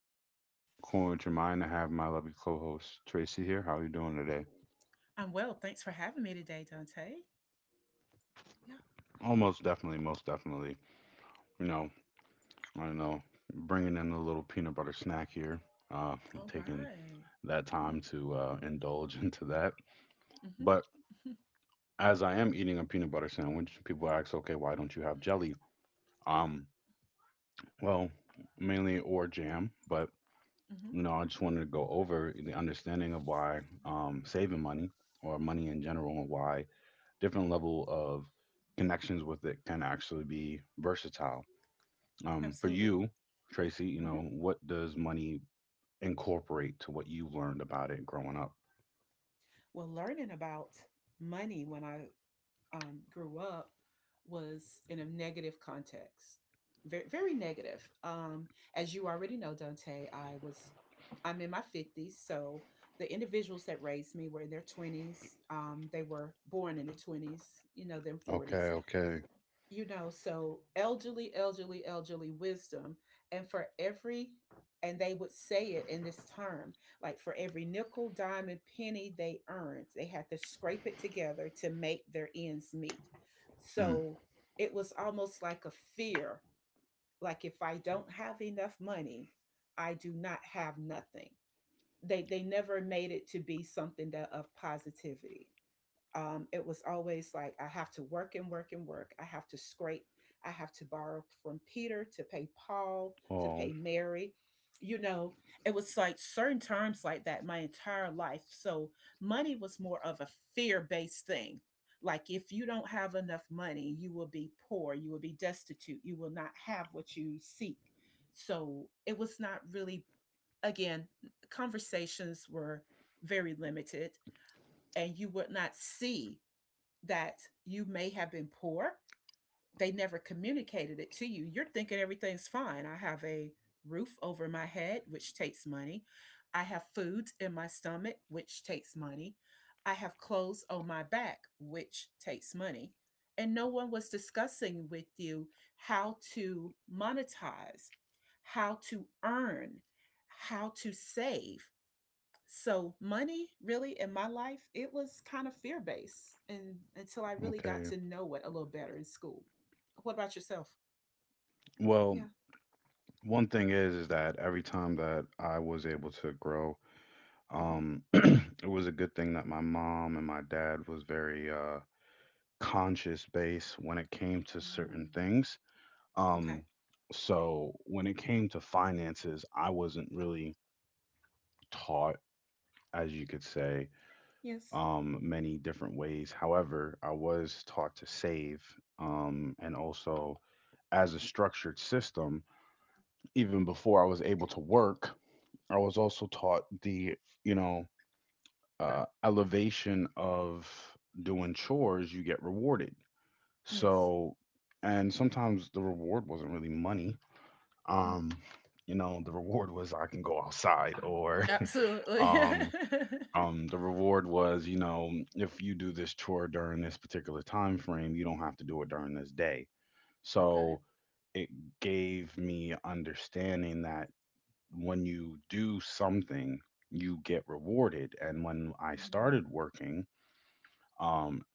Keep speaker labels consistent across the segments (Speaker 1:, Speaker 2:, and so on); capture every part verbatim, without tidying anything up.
Speaker 1: podcast today. I'm calling with your mind. I have my lovely co-host Tracy here. How are you doing today?
Speaker 2: I'm well. Thanks for having me today, Dante. Yeah.
Speaker 1: Almost definitely, most definitely. You know, I know bringing in a little peanut butter snack here. Uh,
Speaker 2: All
Speaker 1: taking
Speaker 2: right.
Speaker 1: that time to uh, indulge into that.
Speaker 2: Mm-hmm,
Speaker 1: But as I am eating a peanut butter sandwich, people ask, "Okay, why don't you have jelly?" Um, well, mainly or jam, but
Speaker 2: mm-hmm,
Speaker 1: you know, I just wanted to go over the understanding of why um, saving money or money in general, and why different level of connections with it can actually be versatile. Um, for
Speaker 2: absolutely.
Speaker 1: you, Tracy, you know,
Speaker 2: hmm
Speaker 1: what does money incorporate to what you learned about it growing up?
Speaker 2: Well, learning about money when I um, grew up was in a negative context, very, very negative. Um, as you already know, Dante, I was, I'm in my fifties. So the individuals that raised me were in their twenties. Um, they were born in the twenties, you know, then
Speaker 1: Okay,
Speaker 2: forties.
Speaker 1: okay.
Speaker 2: You know so elderly, elderly, elderly wisdom. And for every and they would say it in this term, like, for every nickel, dime, and penny they earned, they had to scrape it together to make their ends meet.
Speaker 1: Mm.
Speaker 2: So it was almost like a fear. Like, if I don't have enough money, I do not have nothing. They they never made it to be something that of positivity. Um, it was always like, I have to work and work and work. I have to scrape. I have to borrow from Peter to pay Paul to
Speaker 1: Oh,
Speaker 2: pay Mary. you know it was like certain terms like that my entire life. So money was more of a fear-based thing. Like, if you don't have enough money, you will be poor, you will be destitute, you will not have what you seek. So it was not really, again, conversations were very limited. And you would not see that you may have been poor. They never communicated it to you. You're thinking everything's fine. I have a roof over my head, which takes money. I have food in my stomach, which takes money. I have clothes on my back, which takes money. And no one was discussing with you how to monetize, how to earn, how to save. So money really in my life, it was kind of fear based, and until I really got
Speaker 1: okay.
Speaker 2: to know it a little better in school. What about yourself?
Speaker 1: Well,
Speaker 2: Yeah.
Speaker 1: one thing is, is that every time that I was able to grow,
Speaker 2: Hmm.
Speaker 1: um, it was a good thing that my mom and my dad was very uh, conscious base when it came to
Speaker 2: Mm.
Speaker 1: certain things.
Speaker 2: Okay.
Speaker 1: Um, so when it came to finances, I wasn't really taught, as you could say,
Speaker 2: Yes.
Speaker 1: um, many different ways. However, I was taught to save, um, and also as a structured system. Even before I was able to work, I was also taught the you know, uh, elevation of doing chores. You get rewarded.
Speaker 2: Yes.
Speaker 1: So, and sometimes the reward wasn't really money, um
Speaker 2: Mm.
Speaker 1: you know, the reward was I can go outside, or
Speaker 2: Absolutely.
Speaker 1: um
Speaker 2: Okay.
Speaker 1: um the reward was, you know, if you do this chore during this particular time frame, you don't have to do it during this day. So it gave me understanding that when you do something, you get rewarded. And when I
Speaker 2: Mm.
Speaker 1: started working, um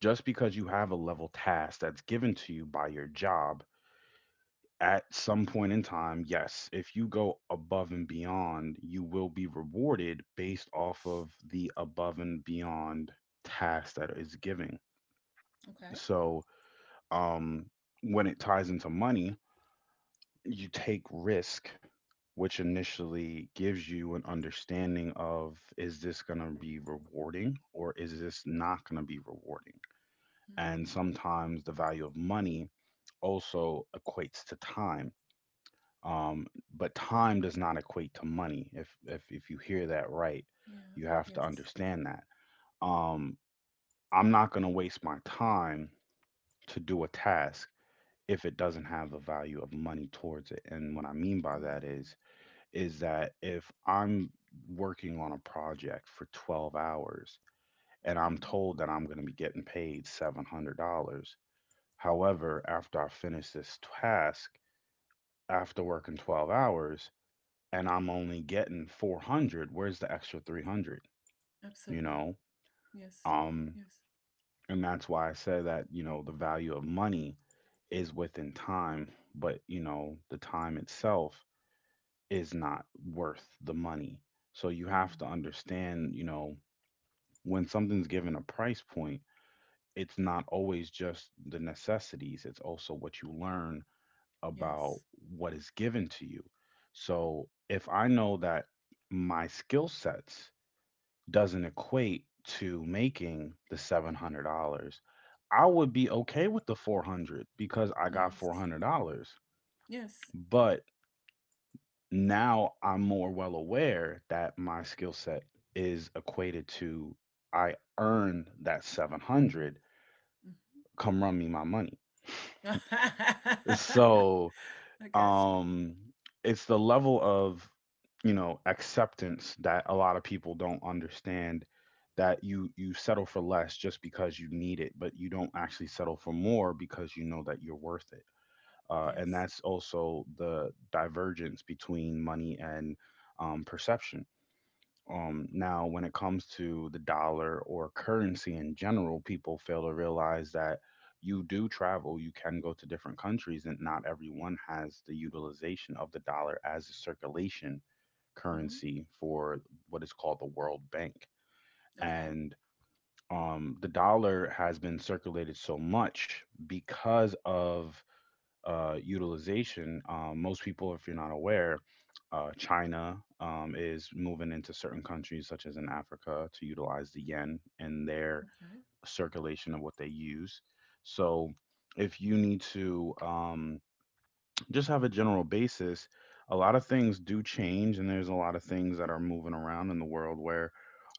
Speaker 1: just because you have a level task that's given to you by your job, at some point in time, yes, if you go above and beyond, you will be rewarded based off of the above and beyond task that is giving.
Speaker 2: Okay.
Speaker 1: So, um, when it ties into money, you take risk, which initially gives you an understanding of, is this going to be rewarding or is this not going to be rewarding?
Speaker 2: Mm.
Speaker 1: And sometimes the value of money also equates to time, um, but time does not equate to money, if if if you hear that right.
Speaker 2: Yeah.
Speaker 1: You have to
Speaker 2: Yes.
Speaker 1: understand that, um, I'm not going to waste my time to do a task if it doesn't have a value of money towards it. And what I mean by that
Speaker 2: Mm.
Speaker 1: is is that if I'm working on a project for twelve hours, and I'm
Speaker 2: Hmm.
Speaker 1: told that I'm going to be getting paid seven hundred dollars. However, after I finish this task, after working twelve hours, and I'm only getting four hundred, where's the extra three hundred? You
Speaker 2: Absolutely.
Speaker 1: know?
Speaker 2: Yes.
Speaker 1: Um,
Speaker 2: Yes.
Speaker 1: and that's why I say that, you know, the value of money is within time, but, you know, the time itself is not worth the money. So you have to
Speaker 2: Mm.
Speaker 1: understand, you know, when something's given a price point, it's not always just the necessities, it's also what you learn about
Speaker 2: Yes.
Speaker 1: what is given to you. So if I know that my skill sets doesn't equate to making the seven hundred dollars, I would be okay with the four hundred because I got
Speaker 2: Yes.
Speaker 1: four hundred dollars.
Speaker 2: Yes.
Speaker 1: But now I'm more well aware that my skill set is equated to, I earned that seven hundred.
Speaker 2: Hmm.
Speaker 1: Come run me my money. So,
Speaker 2: I got you.
Speaker 1: um it's the level of, you know, acceptance that a lot of people don't understand, that you you settle for less just because you need it, but you don't actually settle for more because you know that you're worth it. Uh, and
Speaker 2: Yes.
Speaker 1: that's also the divergence between money and um, perception. Um, now, when it comes to the dollar or currency in general, people fail to realize that you do travel, you can go to different countries, and not everyone has the utilization of the dollar as a circulation
Speaker 2: Hmm.
Speaker 1: currency for what is called the World Bank.
Speaker 2: Okay.
Speaker 1: And um, the dollar has been circulated so much because of uh, utilization. Um, most people, if you're not aware, uh, China um, is moving into certain countries, such as in Africa, to utilize the yen in their
Speaker 2: Okay.
Speaker 1: circulation of what they use. So, if you need to um, just have a general basis, a lot of things do change, and there's a lot of things that are moving around in the world where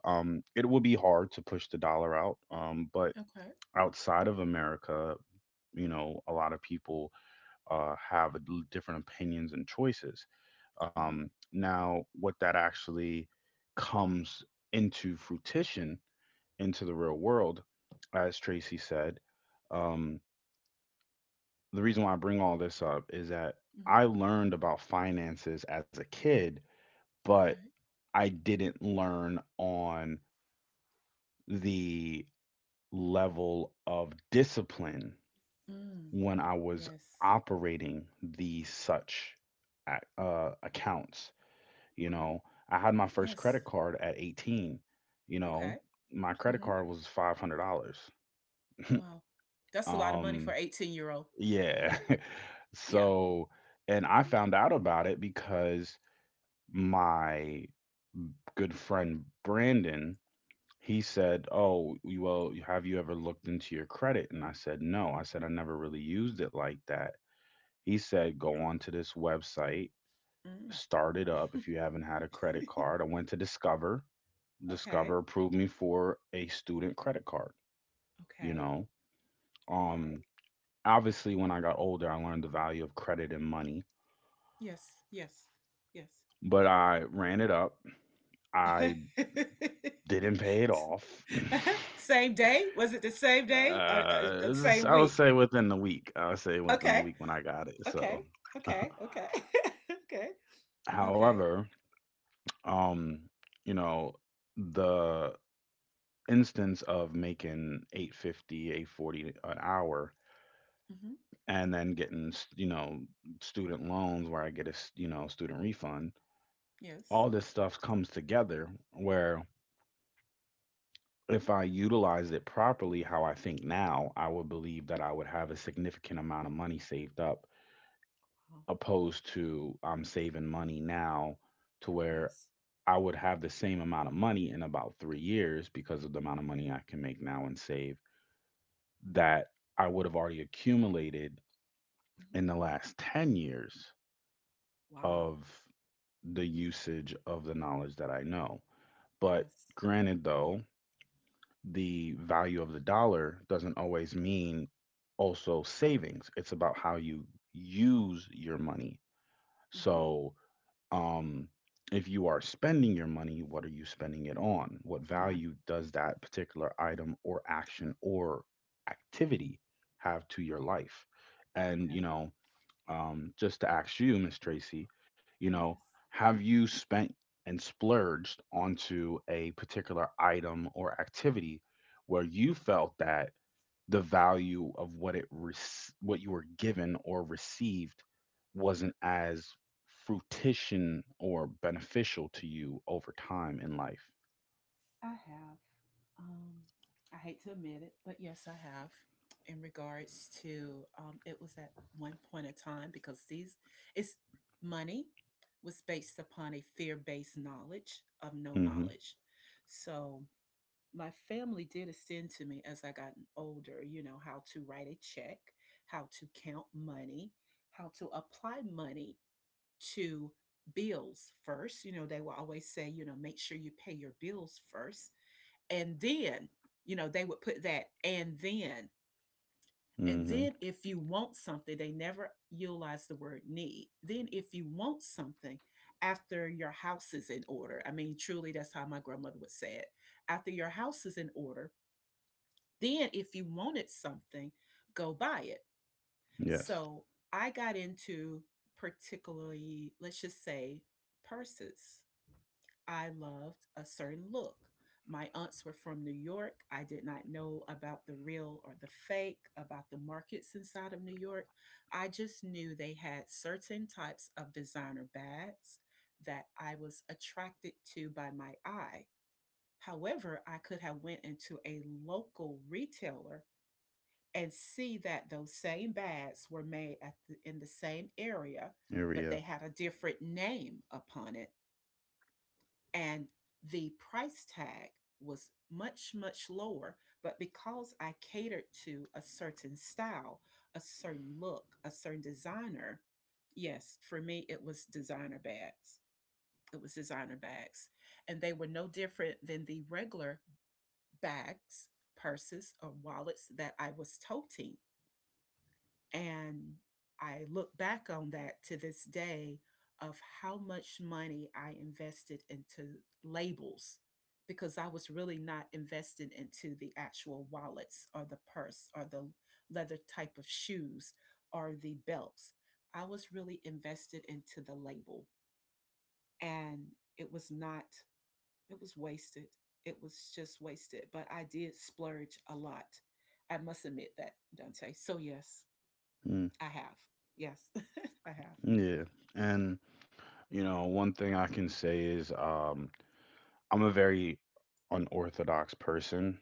Speaker 1: um, it will be hard to push the dollar out. Um, but
Speaker 2: Okay.
Speaker 1: outside of America, you know, a lot of people uh, have different opinions and choices.
Speaker 2: Mhm.
Speaker 1: Um, now, what that actually comes into fruition into the real world, as Tracy said, um, the reason why I bring all this up is that
Speaker 2: Mhm.
Speaker 1: I learned about finances as a kid, but
Speaker 2: Okay.
Speaker 1: I didn't learn on the level of discipline
Speaker 2: Mm.
Speaker 1: when I was
Speaker 2: Yes.
Speaker 1: operating these such uh, accounts. You
Speaker 2: Okay.
Speaker 1: know, I had my first
Speaker 2: Yes.
Speaker 1: credit card at eighteen. You know,
Speaker 2: Okay.
Speaker 1: my credit
Speaker 2: Mhm.
Speaker 1: card was five hundred dollars.
Speaker 2: Wow. That's a lot of money for
Speaker 1: Um,
Speaker 2: eighteen-year-old.
Speaker 1: yeah.
Speaker 2: Yeah. Yeah.
Speaker 1: So, and I found out about it because my good friend Brandon, he said, "Oh, you- well, have you ever looked into your credit?" And I said, "No." I said I never really used it like that. He said, "Go onto this website,
Speaker 2: Mm.
Speaker 1: start it up if you haven't had a credit card." I went to Discover.
Speaker 2: Okay.
Speaker 1: Discover approved me for a student credit card, you
Speaker 2: Okay.
Speaker 1: know.
Speaker 2: Okay.
Speaker 1: Um obviously when I got older, I learned the value of credit and money,
Speaker 2: Yes. Yes. Yes.
Speaker 1: but I ran it up. I didn't pay it off.
Speaker 2: Same day? Was it the same day, or, uh,
Speaker 1: uh
Speaker 2: the
Speaker 1: this-
Speaker 2: same
Speaker 1: I would
Speaker 2: week?
Speaker 1: say within the week. I would say within the
Speaker 2: Okay.
Speaker 1: week when I got it.
Speaker 2: Okay.
Speaker 1: So,
Speaker 2: Okay. Okay. Okay. Okay.
Speaker 1: however, um you know, the instance of making eight fifty, eight forty an hour,
Speaker 2: Mhm.
Speaker 1: and then getting s- you know, student loans where I get a s- you know, student refund.
Speaker 2: Yes.
Speaker 1: All this stuff comes together where if I utilize it properly, how I think now, I would believe that I would have a significant amount of money saved up,
Speaker 2: Wow.
Speaker 1: opposed to I'm saving money now, to where
Speaker 2: Yes.
Speaker 1: I would have the same amount of money in about three years because of the amount of
Speaker 2: Mhm.
Speaker 1: money I can make now and save, that I would have already accumulated
Speaker 2: Mhm.
Speaker 1: in the last ten years
Speaker 2: Wow.
Speaker 1: of the usage of the knowledge that I know. But
Speaker 2: Yes.
Speaker 1: granted, though, the value of the dollar doesn't always mean also savings. It's about how you use your money.
Speaker 2: Mhm.
Speaker 1: So, um, if you are spending your money, what are you spending it on? What
Speaker 2: On.
Speaker 1: value does that particular item or action or activity have to your life? And,
Speaker 2: Okay.
Speaker 1: you know, um, just to ask you, Miss Tracy, you know,
Speaker 2: Yes.
Speaker 1: have you spent and splurged onto a particular item or activity where you felt that the value of what it rec- what you were given or received wasn't as fruition or beneficial to you over time in life?
Speaker 2: I have. Um, I hate to admit it, but yes, I have. In regards to, um, it was at one point of time because these, it's money was based upon a fear based knowledge of no
Speaker 1: Mm-hmm.
Speaker 2: knowledge. So my family did extend to me as I gotten older, you know, how to write a check, how to count money, how to apply money to bills first. You know, they will always say, you know, make sure you pay your bills first. And then, you know, they would put that and then. And
Speaker 1: Mm-hmm.
Speaker 2: then if you want something, they never utilize the word need. Then if you want something after your house is in order, I mean, truly, that's how my grandmother would say it. After your house is in order, then if you wanted something, go buy it.
Speaker 1: Yes.
Speaker 2: So I got into, particularly, let's just say, purses. I loved a certain look. My aunts were from New York. I did not know about the real or the fake, about the markets inside of New York. I just knew they had certain types of designer bags that I was attracted to by my eye. However, I could have went into a local retailer and see that those same bags were made at the, in the same area, but
Speaker 1: Area.
Speaker 2: they had a different name upon it, and the price tag was much, much lower. But because I catered to a certain style, a certain look, a certain designer, yes, for me it was designer bags. It was designer bags. And they were no different than the regular bags, purses, or wallets that I was toting. And I look back on that to this day, of how much money I invested into labels. Because I was really not invested into the actual wallets or the purse or the leather type of shoes or the belts. I was really invested into the label. And it was not, it was wasted. It was just wasted, but I did splurge a lot. I must admit that, Dante. So, yes.
Speaker 1: Mm,
Speaker 2: I have. Yes. I have.
Speaker 1: yeah. And you know, one thing I can say is, um, I'm a very unorthodox person.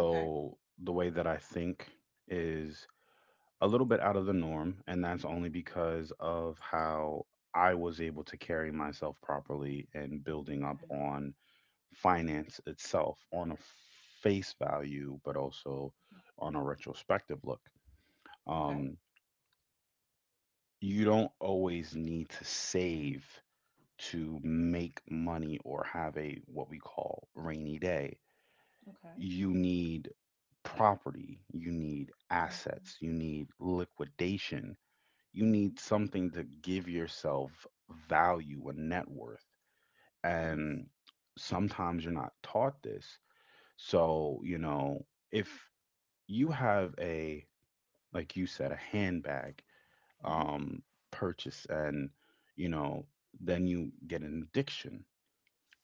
Speaker 2: Okay.
Speaker 1: the way that I think is a little bit out of the norm. And that's only because of how I was able to carry myself properly and building up
Speaker 2: Okay.
Speaker 1: on finance itself on a face value, but also on a retrospective look.
Speaker 2: Okay.
Speaker 1: Um, you don't always need to save to make money or have a what we call rainy day.
Speaker 2: Okay. Okay.
Speaker 1: You need property, you need
Speaker 2: Mm-hmm.
Speaker 1: assets, you need liquidation, you
Speaker 2: Mm-hmm.
Speaker 1: need something to give yourself value and net worth.
Speaker 2: Yes.
Speaker 1: And sometimes you're not taught this. So, you know, if you have a, like you said, a handbag
Speaker 2: Mm-hmm.
Speaker 1: um, purchase, and, you know, then you get an addiction.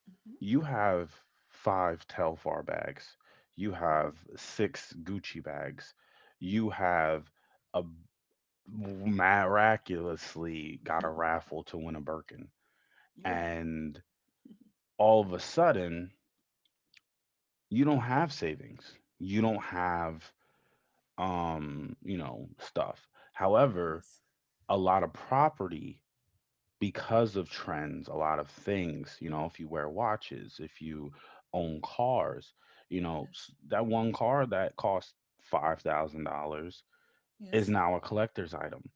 Speaker 2: Mm-hmm.
Speaker 1: You have five Telfar bags. You have six Gucci bags. You have a miraculously got a
Speaker 2: Mm-hmm.
Speaker 1: raffle to win a Birkin.
Speaker 2: Ooh.
Speaker 1: And all of a sudden, you don't have savings. You don't have, um, you know, stuff. However,
Speaker 2: Yes.
Speaker 1: a lot of property because of trends, a lot of things, you know, if you wear watches, if you own cars, you know,
Speaker 2: Yes.
Speaker 1: s- that one car that cost five thousand dollars is
Speaker 2: Yes.
Speaker 1: now a collector's item.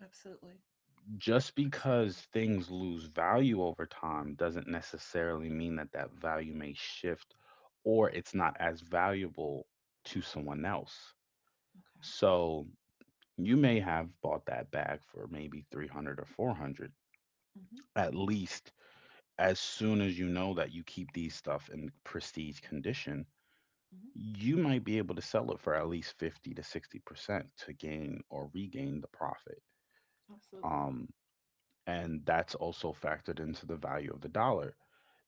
Speaker 2: Absolutely.
Speaker 1: Just because
Speaker 2: Absolutely.
Speaker 1: things lose value over time doesn't necessarily mean that that value may shift, or it's not as valuable to someone else.
Speaker 2: Okay.
Speaker 1: So you may have bought that bag for maybe three hundred or four hundred.
Speaker 2: Mm-hmm.
Speaker 1: At least as soon as you know that you keep these stuff in prestige condition,
Speaker 2: Mm-hmm.
Speaker 1: you might be able to sell it for at least fifty to sixty percent to gain or regain the profit.
Speaker 2: Absolutely.
Speaker 1: Um, and that's also factored into the value of the dollar.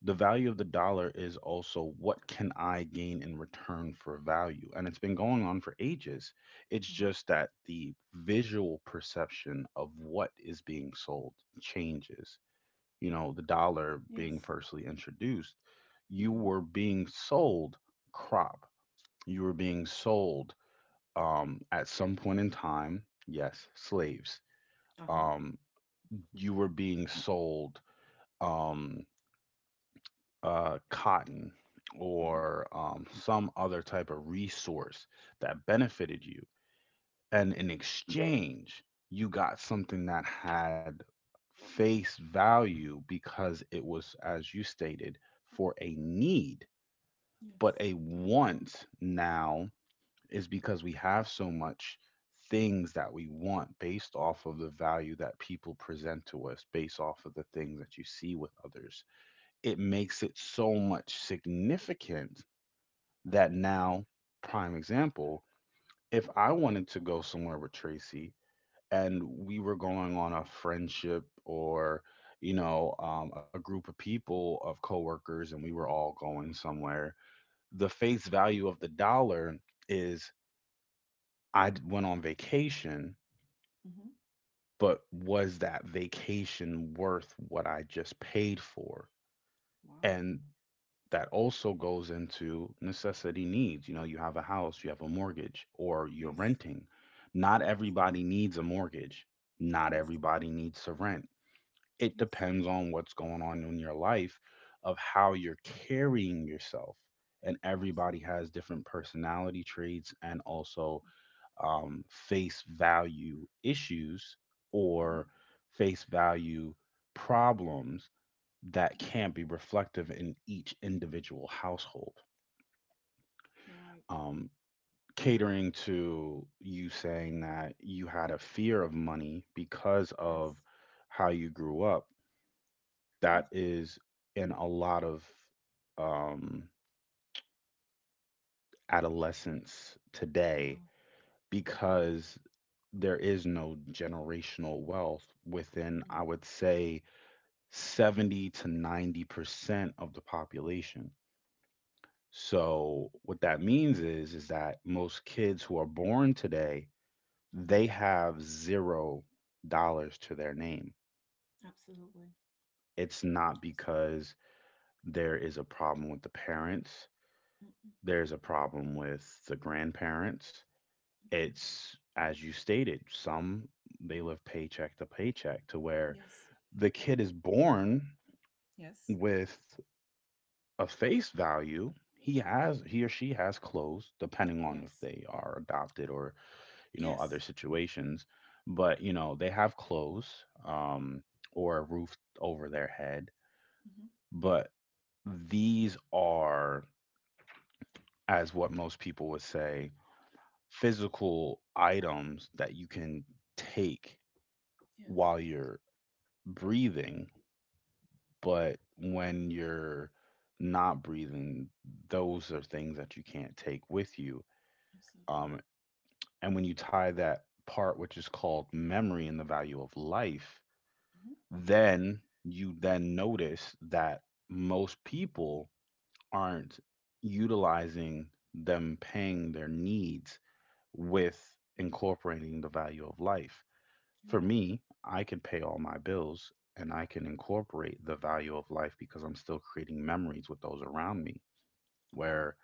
Speaker 1: The value of the dollar is also, what can I gain in return for value? And it's been going on for ages. It's
Speaker 2: Uh huh.
Speaker 1: just that the visual perception of what is being sold changes. You know, the dollar being
Speaker 2: Yes.
Speaker 1: firstly introduced, you
Speaker 2: Mm-hmm.
Speaker 1: were being sold crop. You were being sold, um, at some point in time, yes, slaves.
Speaker 2: Uh huh.
Speaker 1: Um, you were being sold um, uh, cotton
Speaker 2: Mm-hmm.
Speaker 1: or um, some other type of resource that benefited you, and in exchange you got something that had face value because it was, as you stated, for a need.
Speaker 2: Yes.
Speaker 1: But a want now is because we have so much things that we want based off of the value that people present to us, based off of the things that you see with others. It
Speaker 2: Yes.
Speaker 1: makes it so much significant that now, prime example: if I wanted to go somewhere with Tracy and we were going on a friendship, or you know um, a group of people of coworkers, and we were all going somewhere, the face value of the dollar is i d- went on vacation.
Speaker 2: Mm-hmm.
Speaker 1: But was that vacation worth what I just paid for?
Speaker 2: Wow.
Speaker 1: And that also goes into necessity needs. You know, you have a house, you have a mortgage, or you're
Speaker 2: Yes.
Speaker 1: renting. Not
Speaker 2: Yes.
Speaker 1: everybody needs a mortgage. Not
Speaker 2: Yes,
Speaker 1: everybody needs to rent. It
Speaker 2: yes,
Speaker 1: depends on what's going on in your life, of how you're carrying yourself. And everybody
Speaker 2: absolutely.
Speaker 1: has different personality traits and also um, face value issues
Speaker 2: Mhm,
Speaker 1: or face value problems that
Speaker 2: mhm.
Speaker 1: can't be reflective in each individual household.
Speaker 2: You're right.
Speaker 1: Um, Catering to you saying that you had a fear of money because
Speaker 2: Yes,
Speaker 1: of how you grew up.
Speaker 2: yes,
Speaker 1: That is in a lot of um, adolescents today
Speaker 2: no, okay.
Speaker 1: because there is no generational wealth within,
Speaker 2: Mm,
Speaker 1: I would say, seventy to ninety percent of the population. So what that means is is that most kids who are born today,
Speaker 2: mm,
Speaker 1: they have zero dollars to their name.
Speaker 2: absolutely.
Speaker 1: It's not
Speaker 2: Abso-
Speaker 1: because there is a problem with the parents.
Speaker 2: mm, mm,
Speaker 1: There's a problem with the grandparents.
Speaker 2: mm, mm.
Speaker 1: It's, as you stated, some they live paycheck to paycheck to where
Speaker 2: Yes,
Speaker 1: the kid is born
Speaker 2: yes,
Speaker 1: with a face value. He has, he or she has clothes, depending on if
Speaker 2: yes,
Speaker 1: they are adopted or, you know,
Speaker 2: yes.
Speaker 1: other situations. But, you know, they have clothes um, or a roof over their head.
Speaker 2: Hmm.
Speaker 1: But these are, as what most people would say, physical items that you can take
Speaker 2: Yes,
Speaker 1: while you're breathing, but when you're not breathing, those are things that you can't take with you.
Speaker 2: absolutely.
Speaker 1: Um, and when you tie that part, which is called memory and the value of life,
Speaker 2: Hmm.
Speaker 1: then you then notice that most people aren't utilizing them paying their needs with incorporating the value of life.
Speaker 2: You're
Speaker 1: For
Speaker 2: right.
Speaker 1: me, I can pay all my bills, and I can incorporate the value of life because I'm still creating memories with those around me,
Speaker 2: Okay.
Speaker 1: where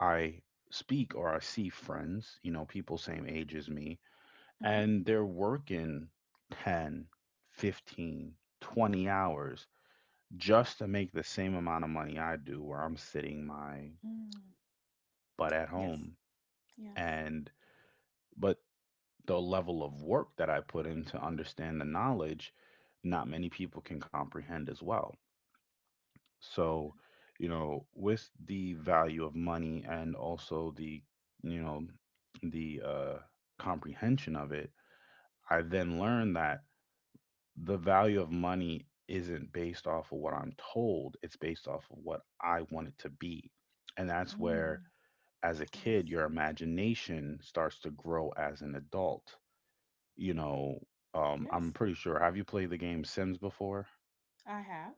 Speaker 1: I speak or I see friends, you know, people same age as me,
Speaker 2: Hmm.
Speaker 1: and they're working ten, fifteen, twenty hours just to make the same amount of money I do, where I'm sitting my
Speaker 2: Mm.
Speaker 1: butt at
Speaker 2: Yes,
Speaker 1: home.
Speaker 2: yes,
Speaker 1: And, but the level of work that I put in to understand the knowledge, not many people can comprehend as well. So, you know, with the value of money, and also the, you know, the uh, comprehension of it, I then learned that the value of money isn't based off of what I'm told, it's based off of what I want it to be. And that's where,
Speaker 2: mm.
Speaker 1: as a kid,
Speaker 2: Yes,
Speaker 1: your imagination starts to grow as an adult, you know, um, I'm
Speaker 2: yes.
Speaker 1: pretty sure. Have you played the game Sims before?
Speaker 2: I have.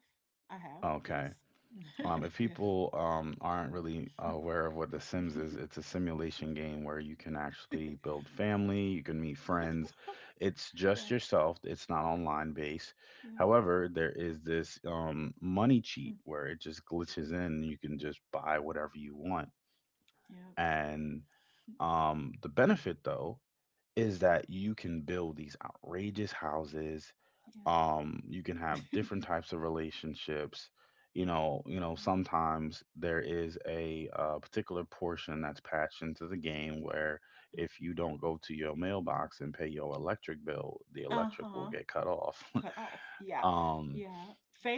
Speaker 2: I have. Yes.
Speaker 1: Okay. Um, if
Speaker 2: Yes.
Speaker 1: people um, aren't really aware of what The Sims is, it's a simulation game where you can actually build family, you can meet friends. It's
Speaker 2: Yeah,
Speaker 1: just yourself, it's not online based.
Speaker 2: yeah,
Speaker 1: However, there is this um, money cheat where it just glitches in and you can just buy whatever you want.
Speaker 2: yeah.
Speaker 1: And um, the benefit, though, is that you can build these outrageous houses, um you can
Speaker 2: Yes.
Speaker 1: have different types of relationships. You know you know sometimes there is a uh, particular portion that's patched into the game where if you don't go to your mailbox and pay your electric bill, the electric will
Speaker 2: Uh-huh.
Speaker 1: get cut off.
Speaker 2: Cut off. Yeah.
Speaker 1: um
Speaker 2: Yeah.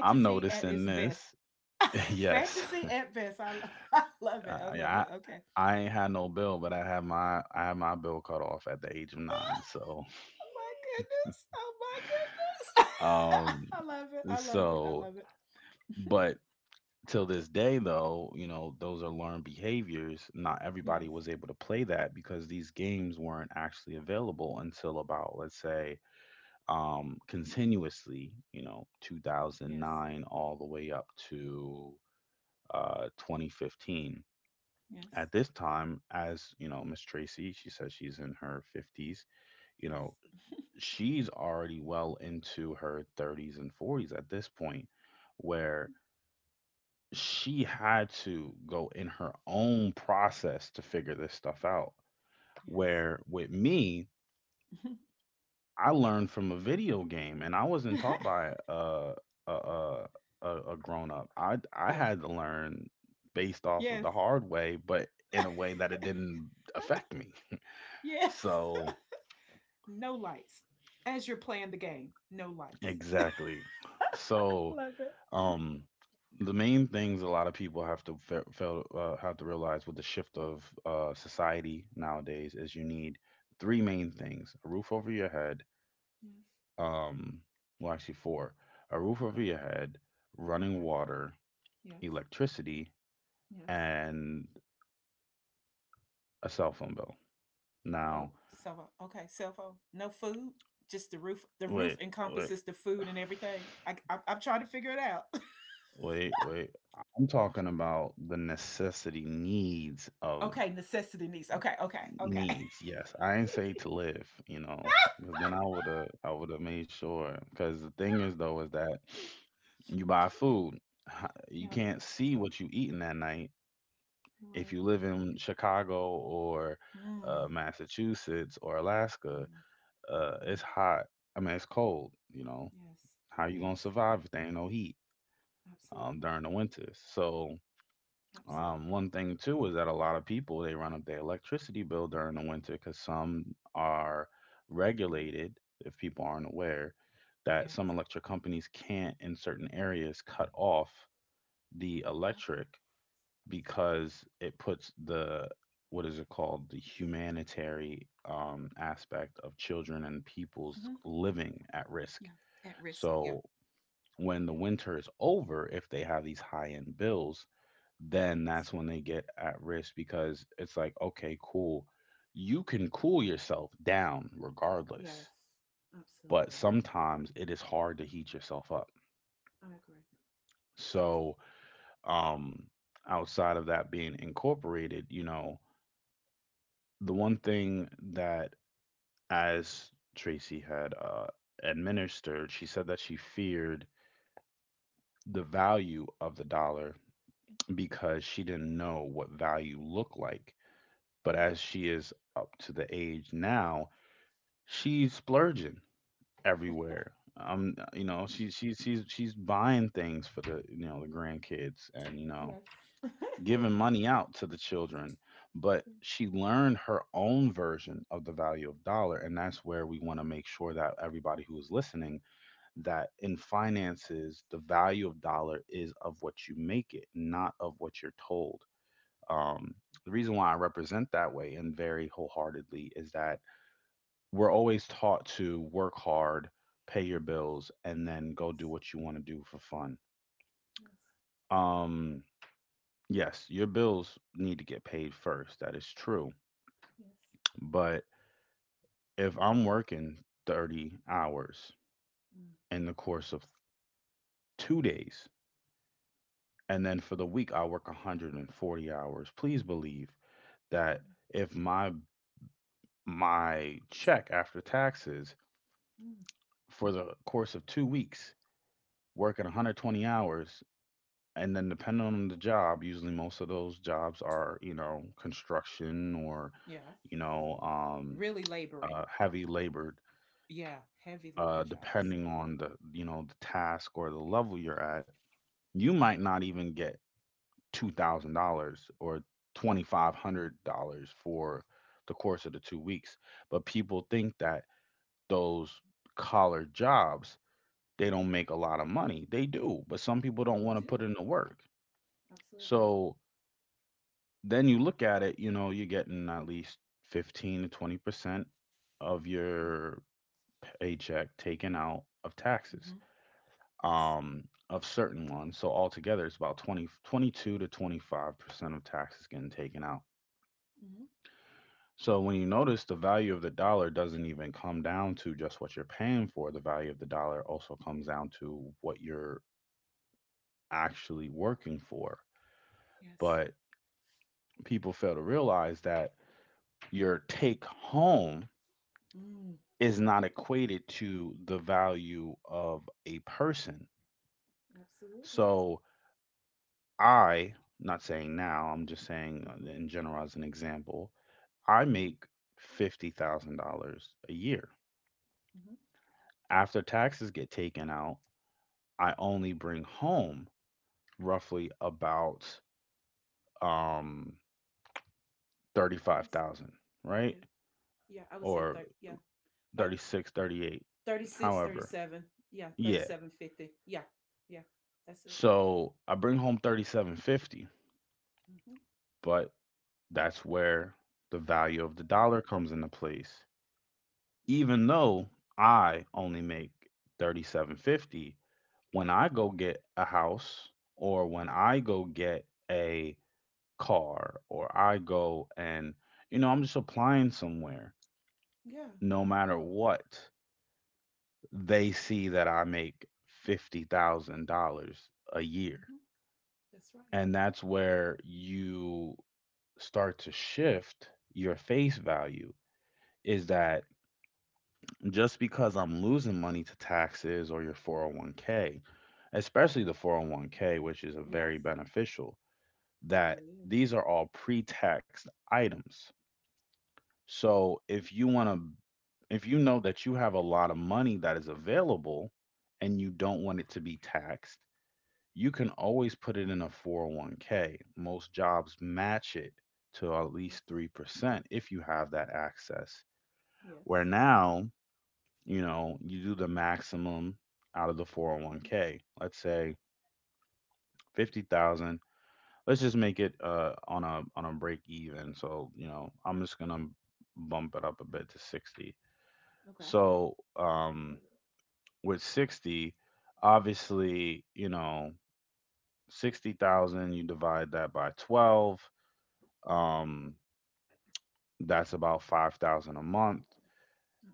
Speaker 1: I'm
Speaker 2: at
Speaker 1: noticing
Speaker 2: its best.
Speaker 1: this. Yes.
Speaker 2: Fantasy at best. I, lo- I love it. I
Speaker 1: i
Speaker 2: love
Speaker 1: yeah,
Speaker 2: it. Okay.
Speaker 1: i, I ain't had no bill, but i had my i had my bill cut off at the age of nine, so
Speaker 2: Oh my goodness. Oh my
Speaker 1: um
Speaker 2: goodness. I love it. I love it. I
Speaker 1: so
Speaker 2: love it.
Speaker 1: but till this day though, you know, those are learned behaviors. Not
Speaker 2: Yes.
Speaker 1: everybody was able to play that because these games weren't actually available until, about, let's say um continuously, you know,
Speaker 2: Yes.
Speaker 1: two thousand nine all the way up to uh twenty fifteen.
Speaker 2: Yes.
Speaker 1: At this time, as you know, Miss Tracy, she says she's in her fifties. You know,
Speaker 2: Yes.
Speaker 1: she's already well into her thirties and forties at this point, where she had to go in her own process to figure this stuff out.
Speaker 2: Yes.
Speaker 1: Where with me, I learned from a video game, and I wasn't taught by a a a, a, a grown up. I I
Speaker 2: Yes.
Speaker 1: had to learn based off of
Speaker 2: Yes.
Speaker 1: the hard way, but in a way that it didn't affect me.
Speaker 2: Yes.
Speaker 1: So
Speaker 2: No lights. As you're playing the game, no lights.
Speaker 1: exactly. So
Speaker 2: Love it.
Speaker 1: um the main things a lot of people have to fe- fail, uh, have to realize with the shift of uh, society nowadays is you need three main things: a roof over your head,
Speaker 2: Yes.
Speaker 1: um, well, actually four: a roof over
Speaker 2: Okay.
Speaker 1: your head, running
Speaker 2: Okay.
Speaker 1: water,
Speaker 2: Yes.
Speaker 1: electricity,
Speaker 2: Yes.
Speaker 1: and a cell phone bill.
Speaker 2: Oh,
Speaker 1: Now,
Speaker 2: cell phone. Okay, cell phone. No food. Just the roof. The roof
Speaker 1: wait, wait,
Speaker 2: encompasses the food and everything. I, I, I'm trying to figure it out.
Speaker 1: wait, wait. I'm talking about the necessity needs of
Speaker 2: Okay, necessity needs. Okay, okay, okay.
Speaker 1: needs. Yes, I ain't say to live, you know, because then I would have, I would have made sure. Because the thing is, though, is that you buy food, h- you
Speaker 2: Yeah,
Speaker 1: can't see what you eating that night.
Speaker 2: you're
Speaker 1: If
Speaker 2: right.
Speaker 1: you live in Chicago or uh,
Speaker 2: Mm,
Speaker 1: Massachusetts or Alaska,
Speaker 2: mm,
Speaker 1: uh,
Speaker 2: mm.
Speaker 1: it's hot. I mean, it's cold. You know,
Speaker 2: Yes.
Speaker 1: how you
Speaker 2: Yes.
Speaker 1: gonna survive if there ain't no heat um,
Speaker 2: Absolutely.
Speaker 1: during the winters? So um,
Speaker 2: Absolutely.
Speaker 1: one thing too is that a lot of people, they run up their electricity bill during the winter because some are
Speaker 2: Mm.
Speaker 1: regulated, if people aren't aware, that some
Speaker 2: Yes.
Speaker 1: electric companies can't in certain areas cut off the
Speaker 2: Yeah.
Speaker 1: electric because it puts the, what is it called, the humanitarian um, aspect of children and people's
Speaker 2: Hmm.
Speaker 1: living at risk.
Speaker 2: Yeah. At risk. Yeah.
Speaker 1: So when the
Speaker 2: Yeah.
Speaker 1: winter is over, if they have these high end bills, then
Speaker 2: Yes.
Speaker 1: that's when they get at risk because it's like, okay, cool. You can cool yourself down
Speaker 2: Yes.
Speaker 1: regardless, but
Speaker 2: Absolutely.
Speaker 1: sometimes it is hard to heat yourself up.
Speaker 2: I agree. Yes.
Speaker 1: So, um, outside of that being incorporated, you know, the one thing that, as Tracy had uh, administered, she said that she feared the value of the dollar because she didn't know what value looked like. But as she is up to the age now, she's splurging everywhere. Um,
Speaker 2: Yeah.
Speaker 1: you know, she she's she's she's buying things for the, you know, the grandkids, and you know,
Speaker 2: Yes.
Speaker 1: giving money out to the children. But
Speaker 2: Yeah.
Speaker 1: she learned her own version of the value of dollar, and that's where we want to make sure that everybody who is listening that in finances, the value of dollar is of what you make it, not of what you're told. Um, the reason why I represent that way and very wholeheartedly is that we're always taught to work hard, pay
Speaker 2: Mm.
Speaker 1: your bills, and then go do
Speaker 2: Yes.
Speaker 1: what you want to do for fun.
Speaker 2: Yes.
Speaker 1: Um, yes, your bills need to get paid first. That is true.
Speaker 2: Yes.
Speaker 1: But if I'm working thirty hours
Speaker 2: Mm,
Speaker 1: in the course of two days, and then for
Speaker 2: mm,
Speaker 1: the week I work one hundred forty hours, please believe that if my my check after taxes
Speaker 2: mm, mm.
Speaker 1: for the course of two weeks working one hundred twenty hours, and then depending on the job, usually most of those jobs are, you know, construction or,
Speaker 2: Yeah.
Speaker 1: you know, um,
Speaker 2: Really laboring.
Speaker 1: uh, heavy labored.
Speaker 2: Yeah. Heavy labor
Speaker 1: Uh,
Speaker 2: jobs.
Speaker 1: depending on the, you know, the task or the level you're at, you might not even get two thousand dollars or twenty five hundred dollars for the course of the two weeks. But people think that those collar jobs, they
Speaker 2: Hmm.
Speaker 1: don't make a lot of money. They do, but some people don't
Speaker 2: They
Speaker 1: want to
Speaker 2: do.
Speaker 1: put in the work.
Speaker 2: Absolutely.
Speaker 1: So then you look at it, you know, you're getting at least fifteen to twenty percent of your paycheck taken out of taxes,
Speaker 2: Hmm. Yes.
Speaker 1: um, of certain ones. So altogether, it's about twenty, twenty-two to twenty-five percent of taxes getting taken out.
Speaker 2: Hmm.
Speaker 1: So when you notice the value of the dollar doesn't even come down to just what you're paying for, the value of the dollar also comes down to what you're actually working for.
Speaker 2: Yes.
Speaker 1: But people fail to realize that your take home
Speaker 2: Mm.
Speaker 1: is not equated to the value of a person.
Speaker 2: Absolutely.
Speaker 1: So I, not saying now, I'm just saying uh,
Speaker 2: Mm-hmm.
Speaker 1: in general as an example, I
Speaker 2: Mm-hmm.
Speaker 1: make fifty thousand dollars a year.
Speaker 2: Mm-hmm.
Speaker 1: After taxes get taken out, I only bring home roughly about um
Speaker 2: Yes.
Speaker 1: thirty-five thousand, right?
Speaker 2: Yeah. Yeah. I would say,
Speaker 1: Or
Speaker 2: thirty. Yeah, about
Speaker 1: thirty-six, thirty-eight,
Speaker 2: thirty six, thirty
Speaker 1: however.
Speaker 2: seven. Yeah. Thirty
Speaker 1: Yeah.
Speaker 2: seven fifty. Yeah. Yeah. That's it.
Speaker 1: So I bring home thirty-seven fifty,
Speaker 2: Hmm.
Speaker 1: but that's where the value of the dollar comes into place. Even though I only make thirty-seven fifty, when I go get a house or when
Speaker 2: Hmm.
Speaker 1: I go get a car or I go and you know, I'm just applying somewhere,
Speaker 2: Yeah.
Speaker 1: no matter what, they see that I make fifty thousand dollars a year.
Speaker 2: Hmm. That's right.
Speaker 1: And that's where you start to shift your face value is
Speaker 2: Mm.
Speaker 1: that just because I'm losing money to taxes or your four oh one k, especially the four oh one k, which is a
Speaker 2: Yes.
Speaker 1: very beneficial,
Speaker 2: It
Speaker 1: that
Speaker 2: really is.
Speaker 1: these are all pre-tax items. So if you want to, if you know that you have a lot of money that is available and you don't want it to be taxed, you can always put it in a four oh one k. Most jobs match it to at
Speaker 2: Yes.
Speaker 1: least three percent if you have that access. Where
Speaker 2: Yes.
Speaker 1: now, you know, you do the maximum out of the
Speaker 2: Mm-hmm.
Speaker 1: four oh one k. Let's say fifty thousand. Let's just make it uh on a on a break even. So, you know, I'm just going to bump it up a bit to sixty.
Speaker 2: Okay.
Speaker 1: So, um with sixty, obviously, you know, sixty thousand you divide that by twelve, um that's about five thousand a month.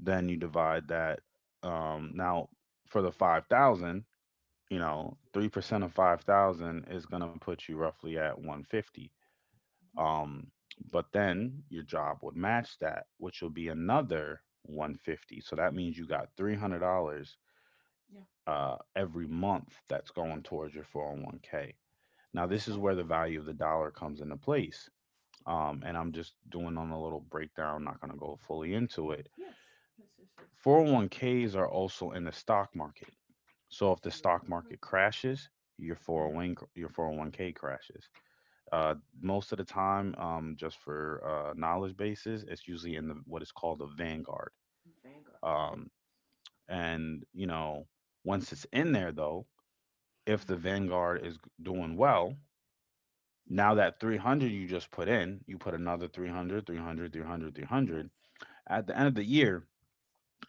Speaker 1: Then you divide that um now for the five thousand, you know, three percent of five thousand is going to put you roughly at one fifty.
Speaker 2: Mhm.
Speaker 1: Um, but then your job would match that, which will be another one fifty. So that means you got three hundred dollars
Speaker 2: Yeah,
Speaker 1: uh, every month that's going towards your four oh one k. Now, this
Speaker 2: that's
Speaker 1: is
Speaker 2: right.
Speaker 1: where the value of the dollar comes into place. Um,
Speaker 2: Yes.
Speaker 1: and I'm just doing on a little breakdown, not going to go fully into it.
Speaker 2: Yes. Yes. Yes. Yes.
Speaker 1: four oh one k s are also in the stock market. So
Speaker 2: They
Speaker 1: if the
Speaker 2: surely
Speaker 1: stock
Speaker 2: are.
Speaker 1: market crashes, your
Speaker 2: Mm.
Speaker 1: 401 your four oh one k crashes. Uh,
Speaker 2: Right.
Speaker 1: most of the time, um, just for uh, knowledge bases, it's usually in the what is called the Vanguard.
Speaker 2: Vanguard.
Speaker 1: Um,
Speaker 2: Yeah.
Speaker 1: and you know, once it's in there though, if
Speaker 2: Mm.
Speaker 1: the Vanguard is doing well,
Speaker 2: Yeah.
Speaker 1: now that three hundred you just put in, you put another three hundred, three hundred, three hundred, three
Speaker 2: Yes.
Speaker 1: hundred. At the end of the year,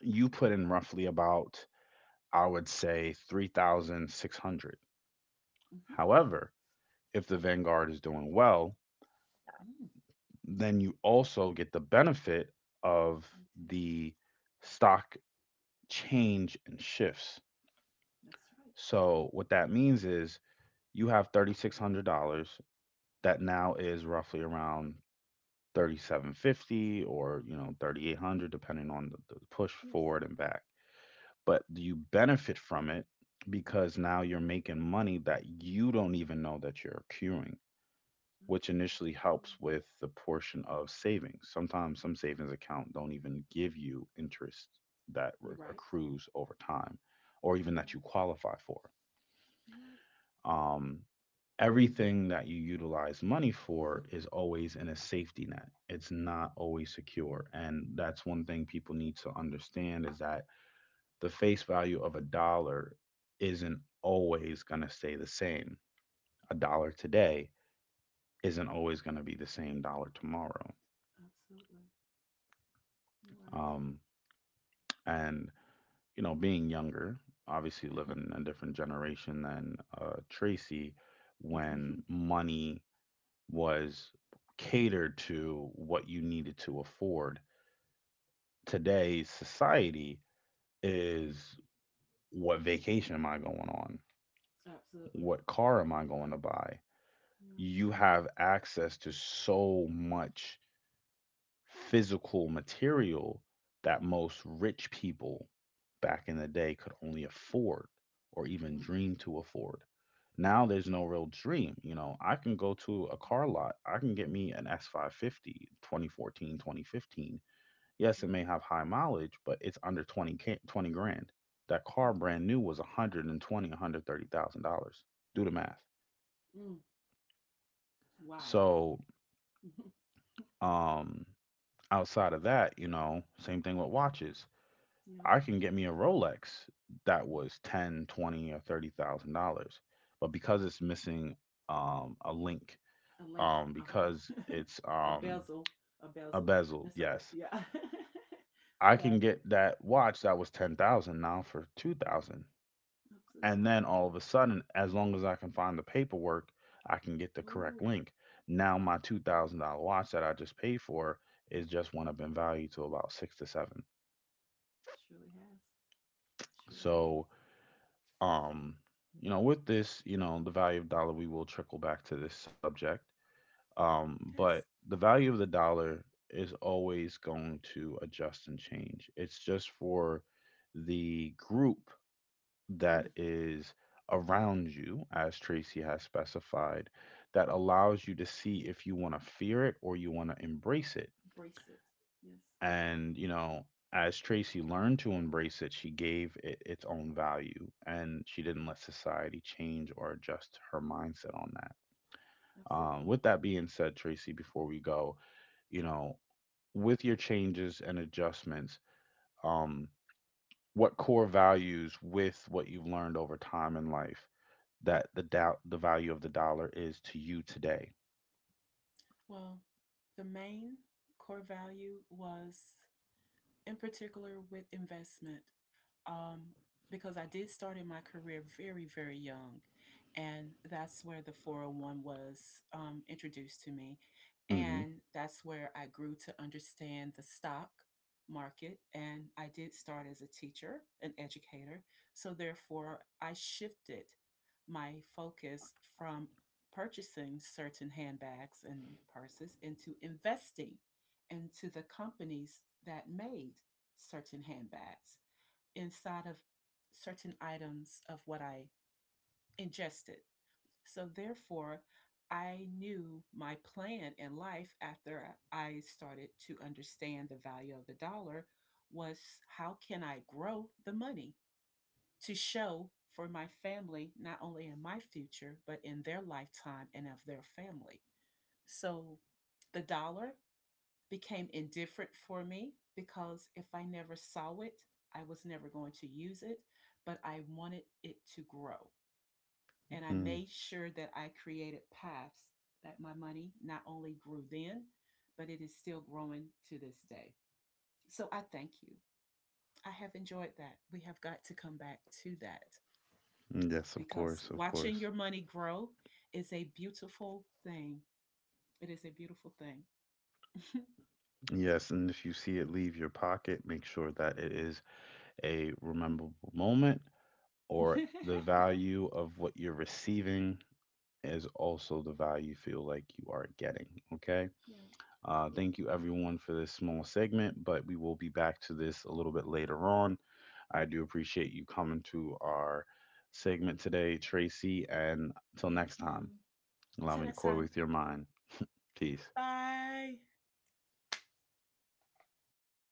Speaker 1: you
Speaker 2: Yeah.
Speaker 1: put in roughly about, I would say, three thousand six hundred.
Speaker 2: Hmm.
Speaker 1: However, if the Vanguard is doing well,
Speaker 2: Mm.
Speaker 1: then you also get the benefit of
Speaker 2: Me too.
Speaker 1: the stock change and shifts.
Speaker 2: That's right.
Speaker 1: So what that means is you have three thousand six hundred dollars that now is roughly around thirty-seven fifty or you know thirty-eight hundred depending on the, the push
Speaker 2: Yes.
Speaker 1: forward and back. But you benefit from it because now you're making money that you don't even know that you're accruing, which
Speaker 2: Absolutely.
Speaker 1: initially helps with the portion of savings. Sometimes some savings account don't even give you interest that
Speaker 2: You're
Speaker 1: re-
Speaker 2: right.
Speaker 1: accrues over time or even
Speaker 2: You're
Speaker 1: that you
Speaker 2: right.
Speaker 1: qualify for.
Speaker 2: You're right.
Speaker 1: Um, everything that you utilize money for is always in a safety net. It's not always secure. And that's one thing people need to understand is that the face value of a dollar isn't always going to stay the same. A dollar today isn't always going to be the same dollar tomorrow.
Speaker 2: Absolutely. You're right.
Speaker 1: Um, and you know, being younger, obviously living in a different generation than uh, Tracy, when
Speaker 2: Mhm.
Speaker 1: money was catered to what you needed to afford. Today's society is, what vacation am I going on?
Speaker 2: Absolutely.
Speaker 1: What car am I going to buy?
Speaker 2: Yes.
Speaker 1: You have access to so much physical material that most rich people back in the day could only afford or even
Speaker 2: Wow.
Speaker 1: dream to afford. Now
Speaker 2: Yes.
Speaker 1: there's no real dream. You know, I can go to a
Speaker 2: Mhm.
Speaker 1: car lot, I can get me an S five fifty, twenty fourteen, twenty fifteen. Yes, it
Speaker 2: Mm.
Speaker 1: may have high mileage, but it's under 20, ca- twenty grand. That car
Speaker 2: Yes.
Speaker 1: brand new was one hundred twenty, one hundred thirty thousand dollars. Do the math.
Speaker 2: Mm. Wow.
Speaker 1: So,
Speaker 2: Mhm.
Speaker 1: um, outside of that, you know, same thing with watches.
Speaker 2: Yeah.
Speaker 1: I can get me a Rolex that
Speaker 2: Mm.
Speaker 1: was ten, twenty, or thirty thousand dollars, but because
Speaker 2: Yeah,
Speaker 1: it's missing um, a link,
Speaker 2: a link.
Speaker 1: um, because
Speaker 2: Uh-huh.
Speaker 1: it's
Speaker 2: A
Speaker 1: um,
Speaker 2: bezel. A
Speaker 1: a
Speaker 2: bezel.
Speaker 1: bezel,
Speaker 2: That's something.
Speaker 1: yes,
Speaker 2: Yeah.
Speaker 1: I
Speaker 2: Yeah,
Speaker 1: can get that watch that was ten thousand now for two thousand, and
Speaker 2: absolutely.
Speaker 1: then all of a sudden, as long as I can find the paperwork, I can get the correct
Speaker 2: Oh,
Speaker 1: link. Now my two thousand dollar watch that I just paid for is just went up in value to about six to seven.
Speaker 2: surely has. Surely has.
Speaker 1: So, Um, you know, with this, you know, the value of dollar, we will trickle back to this subject. Um, but
Speaker 2: Yes.
Speaker 1: the value of the dollar is always going to adjust and change. It's just for the group that
Speaker 2: Mm,
Speaker 1: is around you, as Tracy has specified, that allows you to see if you want to fear it or you want to embrace it.
Speaker 2: embrace it. Yes,
Speaker 1: And, you know, as Tracy learned to embrace it, she gave it its own value and she didn't let society change or adjust her mindset on that. Um,
Speaker 2: absolutely.
Speaker 1: with that being said, Tracy, before we go, you know, with your changes and adjustments, um, what core values with what you've learned over time in life that the doubt the value of the dollar is to you today?
Speaker 2: Well, the main core value was, in particular, with investment, um, because I did start in my career very, very young. And that's where the four oh one was um, introduced to me.
Speaker 1: Mm.
Speaker 2: And that's where I grew to understand the stock market. And I did start as a teacher, an educator. So therefore, I shifted my focus from purchasing certain handbags and purses into investing into the companies that made certain handbags, inside of certain items of what I ingested. So, therefore, I knew my plan in life after I started to understand the value of the dollar was, how can I grow the money to show for my family, not only in my future, but in their lifetime and of their family. So, the dollar became indifferent for me because if I never saw it, I was never going to use it, but I wanted it to grow. And I
Speaker 1: Hmm.
Speaker 2: made sure that I created paths that my money not only grew then, but it is still growing to this day. So I thank you. I have enjoyed that. We have got to come back to that
Speaker 1: Mm. Yes, of
Speaker 2: because
Speaker 1: course, of
Speaker 2: watching
Speaker 1: course.
Speaker 2: your money grow is a beautiful thing. It is a beautiful thing.
Speaker 1: Yes, and if you see it leave your pocket, make sure that it is a rememberable moment, or the value of what you're receiving is also the value you feel like you are getting. Okay.
Speaker 2: Yeah.
Speaker 1: Uh,
Speaker 2: Yeah.
Speaker 1: thank you, everyone, for this small segment, but we will be back to this a little bit later on. I do appreciate you coming to our segment today, Tracy. And until
Speaker 2: Thank
Speaker 1: next time,
Speaker 2: you.
Speaker 1: allow
Speaker 2: See
Speaker 1: me
Speaker 2: you
Speaker 1: to
Speaker 2: next
Speaker 1: coy
Speaker 2: time.
Speaker 1: with your mind. Peace.
Speaker 2: Bye.